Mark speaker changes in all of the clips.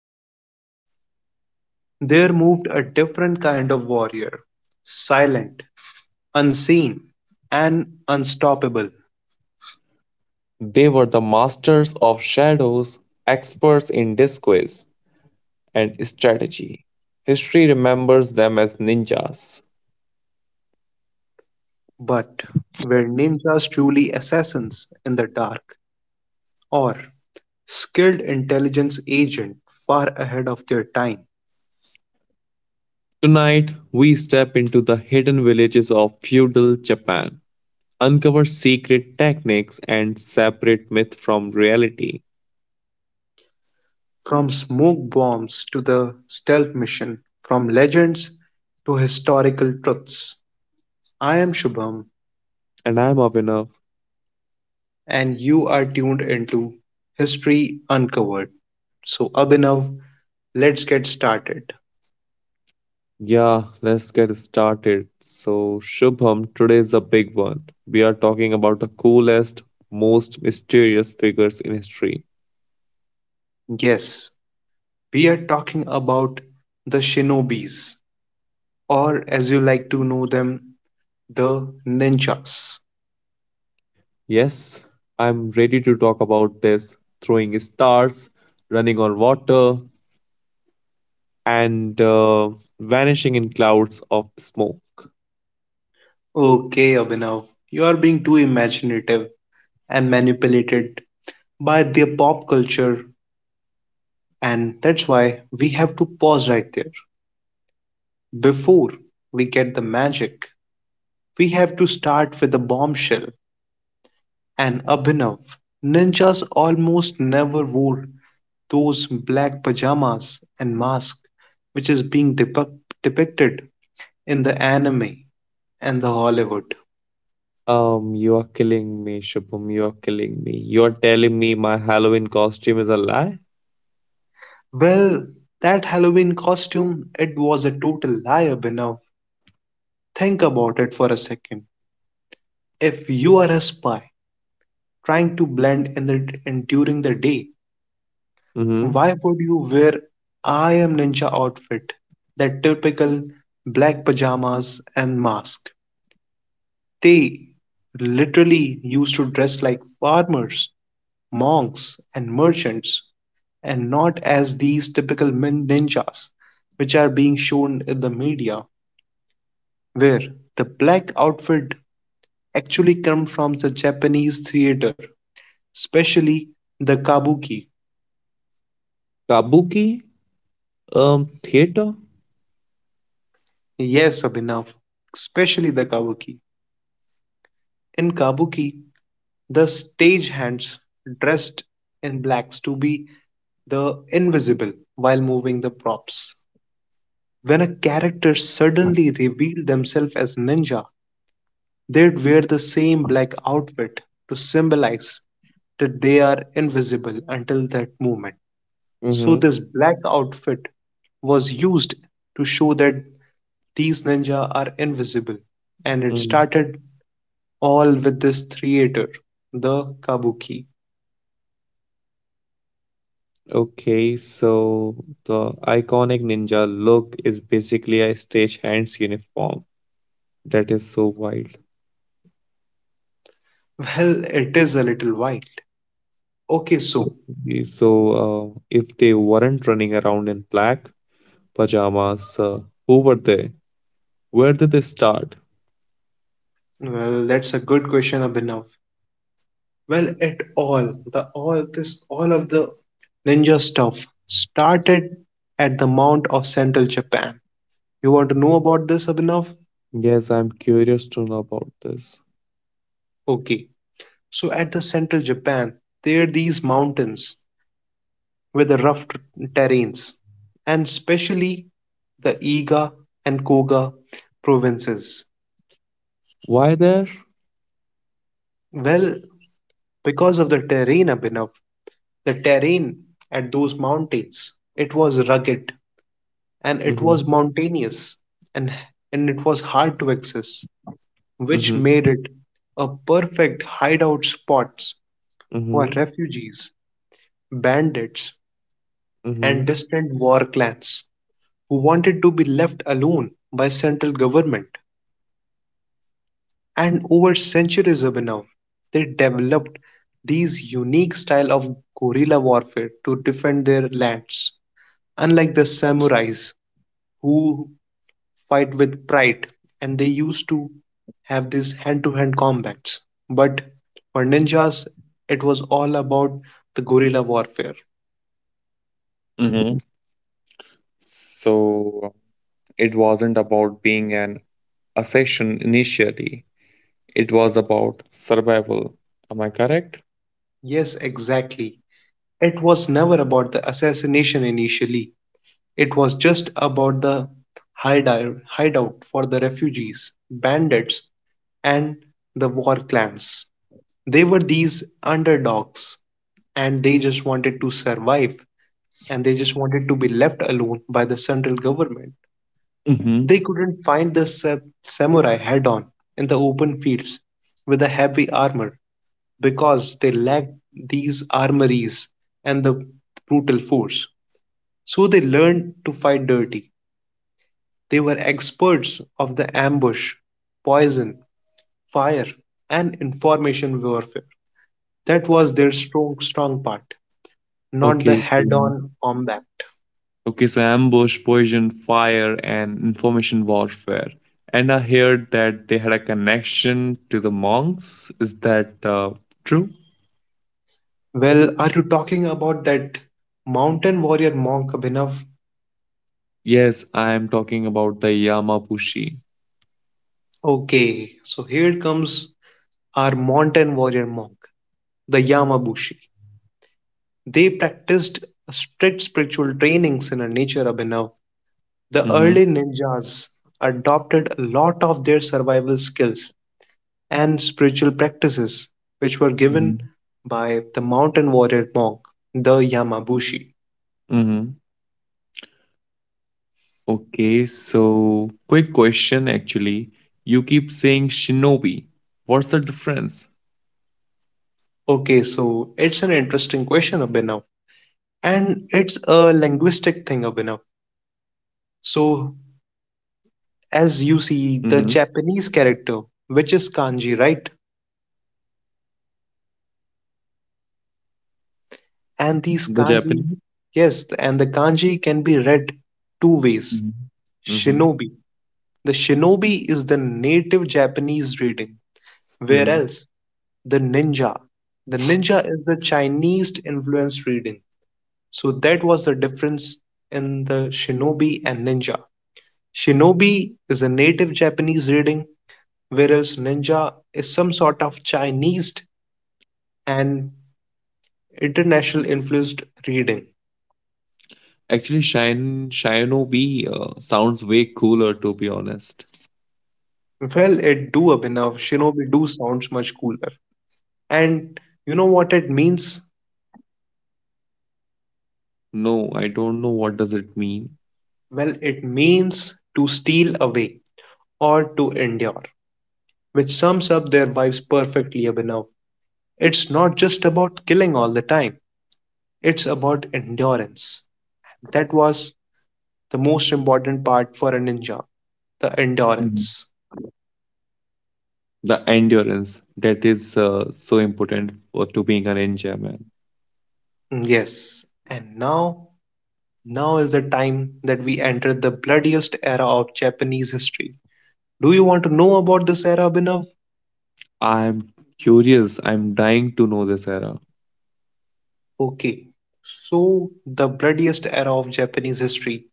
Speaker 1: armor, there moved a different kind of warrior, silent, unseen, and unstoppable.
Speaker 2: They were the masters of shadows, experts in disguise and strategy. History remembers them as ninjas.
Speaker 1: But were ninjas truly assassins in the dark, or skilled intelligence agents far ahead of their time?
Speaker 2: Tonight, we step into the hidden villages of feudal Japan, uncover secret techniques, and separate myth from reality.
Speaker 1: From smoke bombs to the stealth mission, from legends to historical truths. I am Shubham
Speaker 2: And I'm Avinav.
Speaker 1: and you are tuned into History Uncovered. So, Abhinav, let's get started.
Speaker 2: Yeah, let's get started. So, Shubham, today is a big one. We are talking about the coolest, most mysterious figures in history.
Speaker 1: Yes, we are talking about the shinobis, or as you like to know them, the ninjas.
Speaker 2: Yes, I'm ready to talk about this throwing stars, running on water, and vanishing in clouds of smoke.
Speaker 1: Okay, Abhinav, you are being too imaginative and manipulated by their pop culture, and that's why we have to pause right there. Before we get the magic, we have to start with the bombshell and Abhinav. Ninjas almost never wore those black pajamas and masks which is being depicted in the anime and the Hollywood.
Speaker 2: You are killing me, Shubham. You are killing me. You are telling me my Halloween costume is a lie?
Speaker 1: Well, that Halloween costume, it was a total lie, Abhinav. Think about it for a second. If you are a spy trying to blend in during the day,
Speaker 2: Mm-hmm.
Speaker 1: why would you wear I am ninja outfit, that typical black pajamas and mask? They literally used to dress like farmers, monks, and merchants, and not as these typical ninjas which are being shown in the media, where the black outfit actually comes from the Japanese theater, especially the kabuki.
Speaker 2: Kabuki? Theater?
Speaker 1: Yes, Abhinav, especially the kabuki. In kabuki, the stagehands dressed in blacks to be the invisible while moving the props. When a character suddenly revealed themselves as ninja, they'd wear the same black outfit to symbolize that they are invisible until that moment. So
Speaker 2: Mm-hmm.
Speaker 1: this black outfit was used to show that these ninja are invisible and it
Speaker 2: Mm-hmm.
Speaker 1: started all with this theater, the kabuki.
Speaker 2: Okay, so the iconic ninja look is basically a stagehand's uniform. That is so wild.
Speaker 1: Well, it is a little wild. Okay, so
Speaker 2: Okay, so, if they weren't running around in black pajamas, who were they? Where did they start?
Speaker 1: well, that's a good question, Abhinav. Well at all the all this all of the ninja stuff started at the mount of central Japan. You want to know about this, Abhinav?
Speaker 2: Yes, I'm curious to know about this.
Speaker 1: Okay, so at the central Japan there are these mountains with the rough terrains, and especially the Iga and Koga provinces.
Speaker 2: Why there?
Speaker 1: Well, because of the terrain, Abhinav, the terrain at those mountains, it was rugged and it was
Speaker 2: Mm-hmm.
Speaker 1: mountainous, and, and it was hard to access, which
Speaker 2: Mm-hmm.
Speaker 1: made it a perfect hideout spot for
Speaker 2: Mm-hmm.
Speaker 1: refugees, bandits, and
Speaker 2: Mm-hmm.
Speaker 1: distant war clans who wanted to be left alone by central government. And over centuries of now, they developed these unique style of guerrilla warfare to defend their lands. Unlike the samurais, who fight with pride and they used to have these hand to hand combats. But for ninjas, it was all about the guerrilla warfare.
Speaker 2: Mm-hmm. So it wasn't about being an assassin initially. It was about survival. Am I correct?
Speaker 1: Yes, exactly. It was never about the assassination initially, it was just about the hideout for the refugees, bandits, and the war clans. They were these underdogs and they just wanted to survive and they just wanted to be left alone by the central government.
Speaker 2: Mm-hmm.
Speaker 1: They couldn't find the samurai head on in the open fields with the heavy armor because they lacked these armories and the brutal force. So they learned to fight dirty. They were experts of the ambush, poison, fire, and information warfare. That was their strong part, not the
Speaker 2: Okay.
Speaker 1: head
Speaker 2: Mm.
Speaker 1: on combat.
Speaker 2: Okay, so ambush, poison, fire, and information warfare. And I heard that they had a connection to the monks. Is that true?
Speaker 1: Well, are you talking about that mountain warrior monk, Abhinav?
Speaker 2: Yes, I am talking about the Yamabushi.
Speaker 1: Okay, so here comes our mountain warrior monk, the Yamabushi. They practiced strict spiritual trainings in a nature, Abhinav. The
Speaker 2: Mm-hmm.
Speaker 1: early ninjas adopted a lot of their survival skills and spiritual practices, which were
Speaker 2: Mm-hmm.
Speaker 1: given by the mountain warrior monk, the Yamabushi.
Speaker 2: Mm-hmm. Okay, so quick question actually. You keep saying shinobi. What's the difference?
Speaker 1: Okay, so it's an interesting question, Abhinav, and it's a linguistic thing, Abhinav. So, as you
Speaker 2: Mm-hmm.
Speaker 1: see the Japanese character, which is kanji, right?
Speaker 2: The
Speaker 1: And these
Speaker 2: Japanese?
Speaker 1: kanji, yes, and the kanji can be read two ways.
Speaker 2: Mm-hmm. Mm-hmm.
Speaker 1: Shinobi. The shinobi is the native Japanese reading, whereas the ninja, the ninja is the Chinese influenced reading. So that was the difference in the shinobi and ninja. Shinobi is a native Japanese reading, whereas ninja is some sort of Chinese and International influenced reading.
Speaker 2: Actually, Shine Shinobi sounds way cooler to be honest.
Speaker 1: Well, it do, Abhinav, Shinobi do sounds much cooler. And you know what it means?
Speaker 2: No, I don't know what does it mean.
Speaker 1: Well, it means to steal away or to endure, which sums up their vibes perfectly, Abhinav. It's not just about killing all the time, it's about endurance. That was the most important part for a ninja, the
Speaker 2: Mhm.
Speaker 1: endurance.
Speaker 2: The endurance that is so important for to being a ninja, man.
Speaker 1: Yes, and now is the time that we enter the bloodiest era of Japanese history. Do you want to know about this era, Abhinav?
Speaker 2: I'm curious. I'm dying to know this era.
Speaker 1: Okay. So, the bloodiest era of Japanese history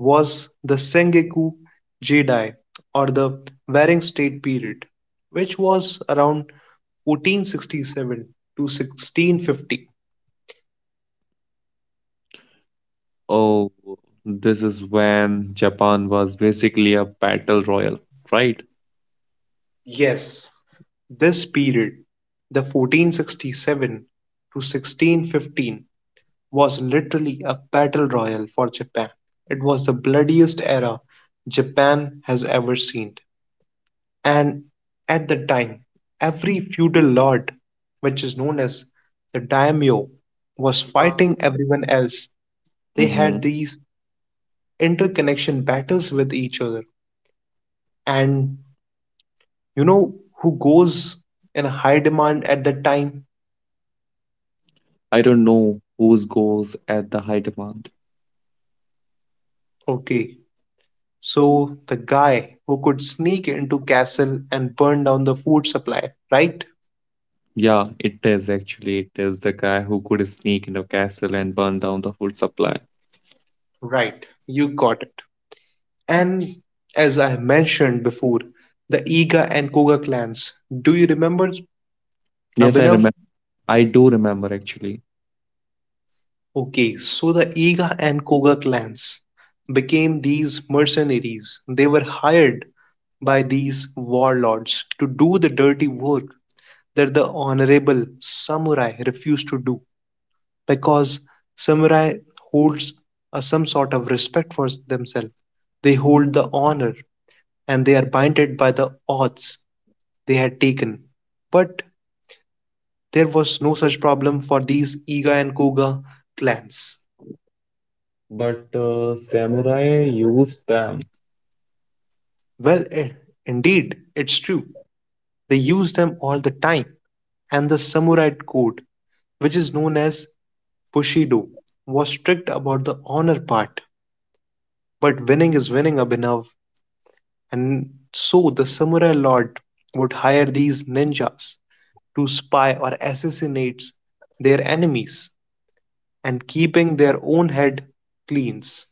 Speaker 1: was the Sengoku Jidai or the Warring State period, which was around 1467 to 1650.
Speaker 2: Oh, this is when Japan was basically a battle royal, right?
Speaker 1: Yes, this period, the 1467 to 1615, was literally a battle royal for Japan. It was the bloodiest era Japan has ever seen. And at the time, every feudal lord, which is known as the daimyo, was fighting everyone else. They
Speaker 2: Mm-hmm.
Speaker 1: had these interconnection battles with each other. And you know who goes in high demand at that time?
Speaker 2: I don't know whose goals at the high demand.
Speaker 1: Okay, so the guy who could sneak into castle and burn down the food supply, right?
Speaker 2: Yeah, it is actually. It is the guy who could sneak into a castle and burn down the food supply.
Speaker 1: Right, you got it. And as I mentioned before, the Iga and Koga clans. Do you remember,
Speaker 2: Yes, I
Speaker 1: Abhinav?
Speaker 2: remember. I do remember actually.
Speaker 1: Okay, so the Iga and Koga clans became these mercenaries. They were hired by these warlords to do the dirty work that the honorable samurai refused to do because samurai holds a, some sort of respect for themselves. They hold the honor and they are binded by the oaths they had taken. But there was no such problem for these Iga and Koga clans.
Speaker 2: But samurai used them.
Speaker 1: Well, eh, indeed, it's true. They used them all the time, and the samurai code, which is known as Bushido, was strict about the honor part. But winning is winning, Abhinav, and so the samurai lord would hire these ninjas to spy or assassinate their enemies. And keeping their own head cleans.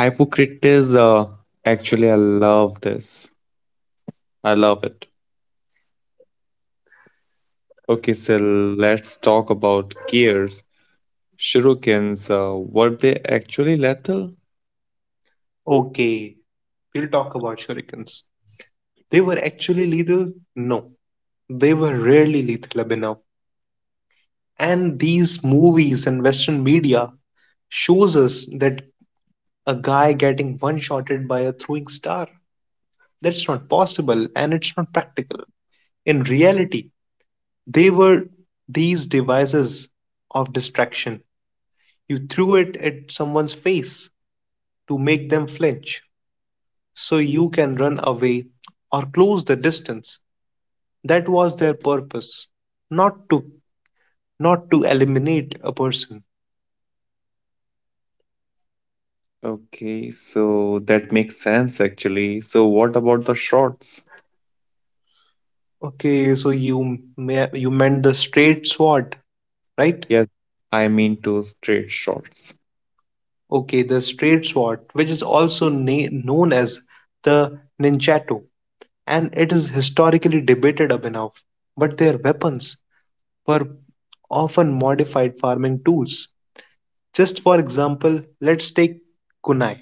Speaker 2: Hypocrite is actually I love this. I love it. Okay, so let's talk about gears. Shurikens, were they actually lethal?
Speaker 1: Okay, we'll talk about shurikens. They were actually lethal? No, they were rarely lethal enough. And these movies and Western media shows us that a guy getting one-shotted by a throwing star. That's not possible and it's not practical. In reality, they were these devices of distraction. You threw it at someone's face to make them flinch, so you can run away or close the distance. That was their purpose, not to not to eliminate a person.
Speaker 2: Okay, so that makes sense actually. So what about the shots?
Speaker 1: Okay, so you meant the straight sword, right?
Speaker 2: Yes, I mean two straight shots.
Speaker 1: Okay, the straight sword, which is also known as the ninjato, and it is historically debated, Abhinav. But their weapons were often modified farming tools. Just for example, let's take kunai.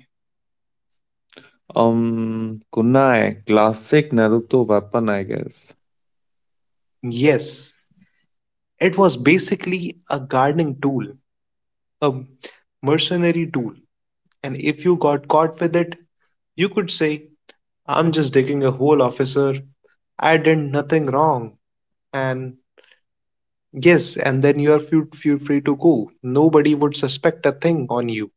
Speaker 2: Kunai, classic Naruto weapon, I guess.
Speaker 1: Yes, it was basically a gardening tool, a mercenary tool, and if you got caught with it, you could say, I'm just digging a hole, officer. I did nothing wrong. And yes, and then you are feel free to go. Nobody would suspect a thing on you.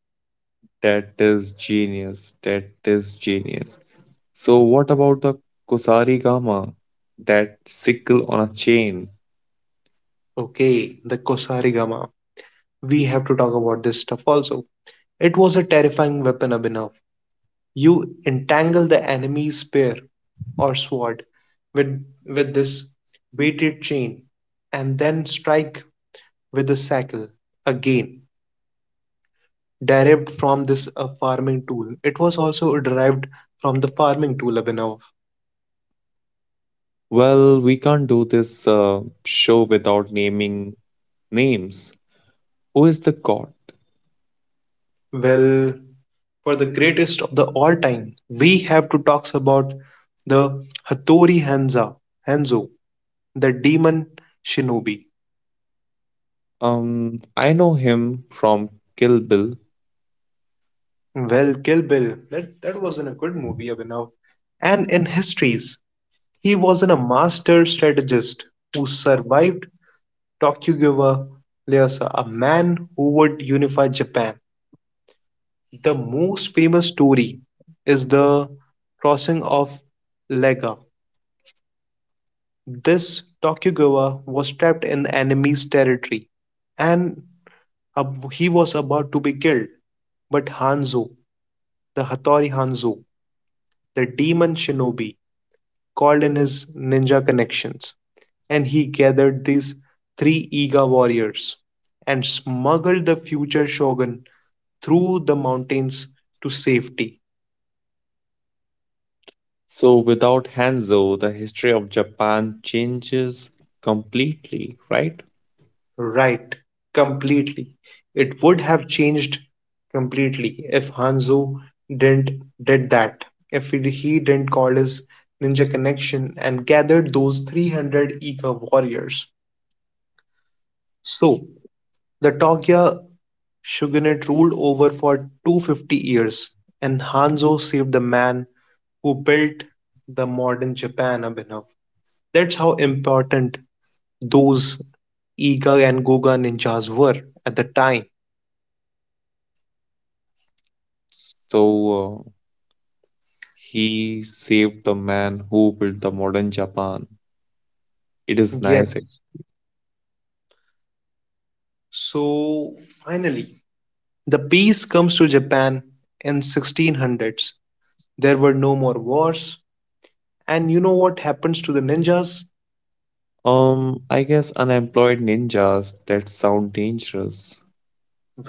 Speaker 2: That is genius. That is genius. So, what about the Kusari Gama? That sickle on a chain.
Speaker 1: Okay, the Kosari Gama. We have to talk about this stuff also. It was a terrifying weapon, Abhinav. You entangle the enemy's spear or sword with this weighted chain and then strike with the sickle, again derived from this farming tool. It was also derived from the farming tool, Abhinav.
Speaker 2: Well, we can't do this show without naming names. Who is the god?
Speaker 1: Well, for the greatest of the all time, we have to talk about the Hattori Hanzo, the demon shinobi.
Speaker 2: I know him from Kill Bill.
Speaker 1: Well, Kill Bill, that wasn't a good movie, Abhinav. And in histories, he wasn't a master strategist who survived Tokugawa Ieyasu, a man who would unify Japan. The most famous story is the crossing of Lega. This Tokugawa was trapped in the enemy's territory and he was about to be killed. But Hanzo, the Hattori Hanzo, the demon shinobi, called in his ninja connections, and he gathered these three Iga warriors and smuggled the future shogun through the mountains to safety.
Speaker 2: So, without Hanzo, the history of Japan changes completely, right?
Speaker 1: Right, completely. It would have changed completely if Hanzo didn't did that. If he didn't call his ninja connection and gathered those 300 Iga warriors. So, the Togya Shogunate ruled over for 250 years, and Hanzo saved the man who built the modern Japan up enough. That's how important those Iga and Goga ninjas were at the time.
Speaker 2: So, he saved the man who built the modern Japan. It is nice.
Speaker 1: Yes. So finally, the peace comes to Japan in 1600s. There were no more wars, and you know what happens to the ninjas?
Speaker 2: I guess unemployed ninjas that sound dangerous.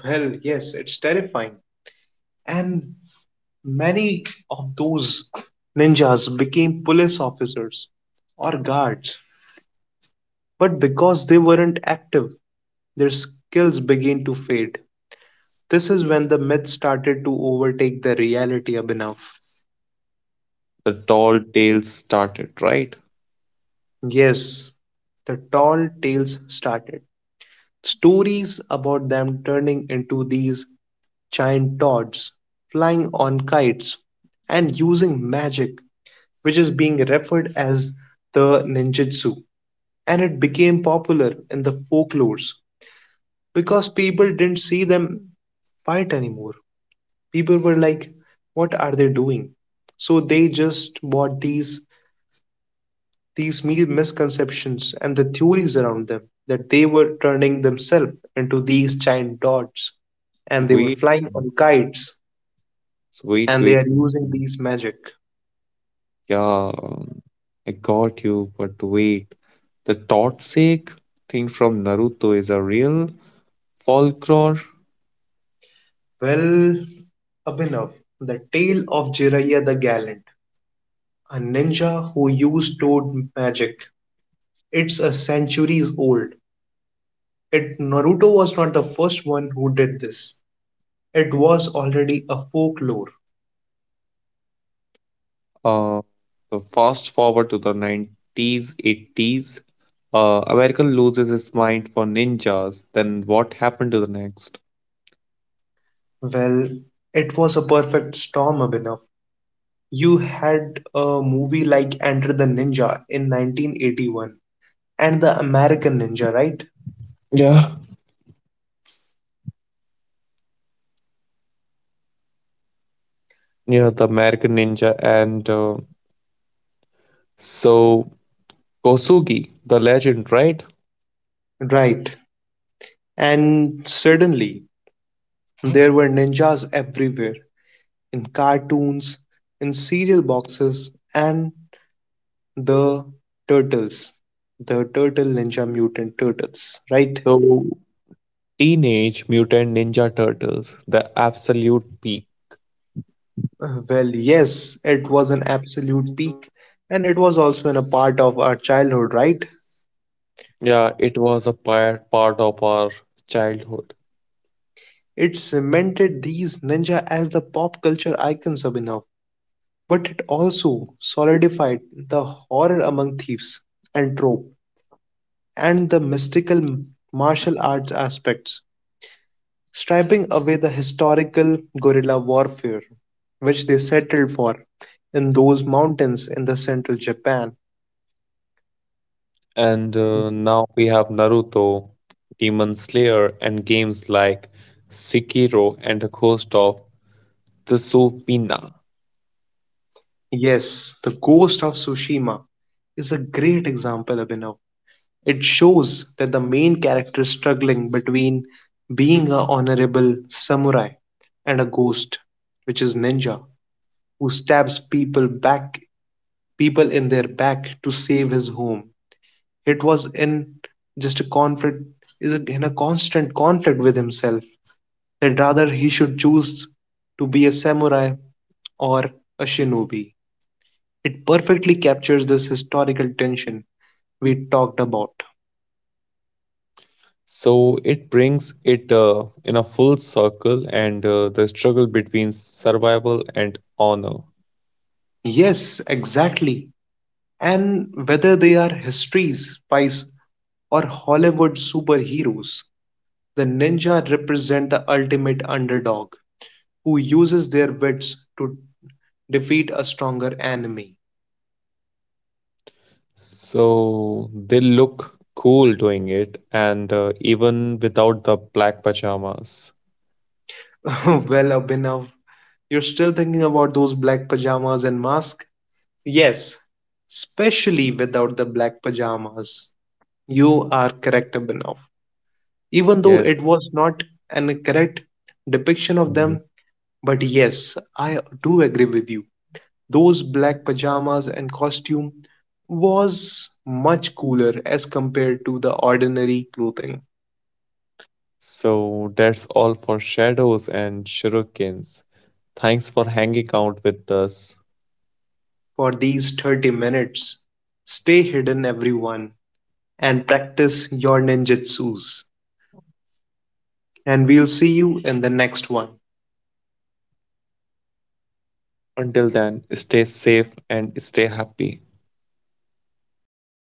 Speaker 1: Well, yes, it's terrifying. And many of those ninjas became police officers or guards, but because they weren't active, their skills began to fade. This is when the myth started to overtake the reality, Abhinav.
Speaker 2: The tall tales started, right?
Speaker 1: Yes, the tall tales started. Stories about them turning into these giant toads, flying on kites, and using magic, which is being referred as the ninjutsu, and it became popular in the folklores because people didn't see them fight anymore. People were like, "What are they doing?" So they just bought these misconceptions and the theories around them that they were turning themselves into these giant dots and they were
Speaker 2: Wait,
Speaker 1: flying on kites and they are
Speaker 2: wait.
Speaker 1: using these magic.
Speaker 2: Yeah, I got you, but wait. The Totsake thing from Naruto is a real folklore.
Speaker 1: Well, Abhinav, the tale of Jiraiya the Gallant, a ninja who used toad magic, it's a centuries old. It Naruto was not the first one who did this. It was already a folklore.
Speaker 2: Uh, so fast forward to the 90s, 80s, America loses his mind for ninjas. Then what happened to the next?
Speaker 1: Well, it was a perfect storm, Abhinav. You had a movie like Enter the Ninja in 1981 and the American Ninja, right?
Speaker 2: Yeah. Yeah, the American Ninja and so Kosugi, the legend, right?
Speaker 1: Right. And suddenly, there were ninjas everywhere in cartoons, in cereal boxes, and The Turtles. The Turtle Ninja Mutant Turtles, right?
Speaker 2: So Teenage Mutant Ninja Turtles, the absolute peak.
Speaker 1: Well, yes, it was an absolute peak, and it was also in a part of our childhood, right?
Speaker 2: Yeah, it was a part of our childhood.
Speaker 1: It cemented these ninja as the pop culture icons of enough, but it also solidified the horror among thieves and trope and the mystical martial arts aspects, striping away the historical guerrilla warfare which they settled for in those mountains in the central Japan.
Speaker 2: And now we have Naruto, Demon Slayer, and games like Sekiro and the Ghost of Tsushima.
Speaker 1: Yes, the ghost of Tsushima is a great example, Abhinav. It shows that the main character is struggling between being a honorable samurai and a ghost, which is ninja, who stabs people in their back to save his home. It was in just a conflict is in a constant conflict with himself that rather he should choose to be a samurai or a shinobi. It perfectly captures this historical tension we talked about.
Speaker 2: So it brings it in a full circle, and the struggle between survival and honor.
Speaker 1: Yes, exactly. And whether they are histories, spies, or Hollywood superheroes, the ninja represent the ultimate underdog who uses their wits to defeat a stronger enemy.
Speaker 2: So they look cool doing it, and even without the black pajamas.
Speaker 1: Well, Abhinav, you're still thinking about those black pajamas and mask? Yes, especially without the black pajamas. You are correct, Abhinav. Even though
Speaker 2: Yes.
Speaker 1: it was not an correct depiction of them, but yes, I do agree with you. Those black pajamas and costume was much cooler as compared to the ordinary clothing.
Speaker 2: So that's all for shadows and shurikens. Thanks for hanging out with us.
Speaker 1: For these 30 minutes, stay hidden, everyone, and practice your ninjutsus. And we'll see you in the next one.
Speaker 2: Until then, stay safe and stay happy.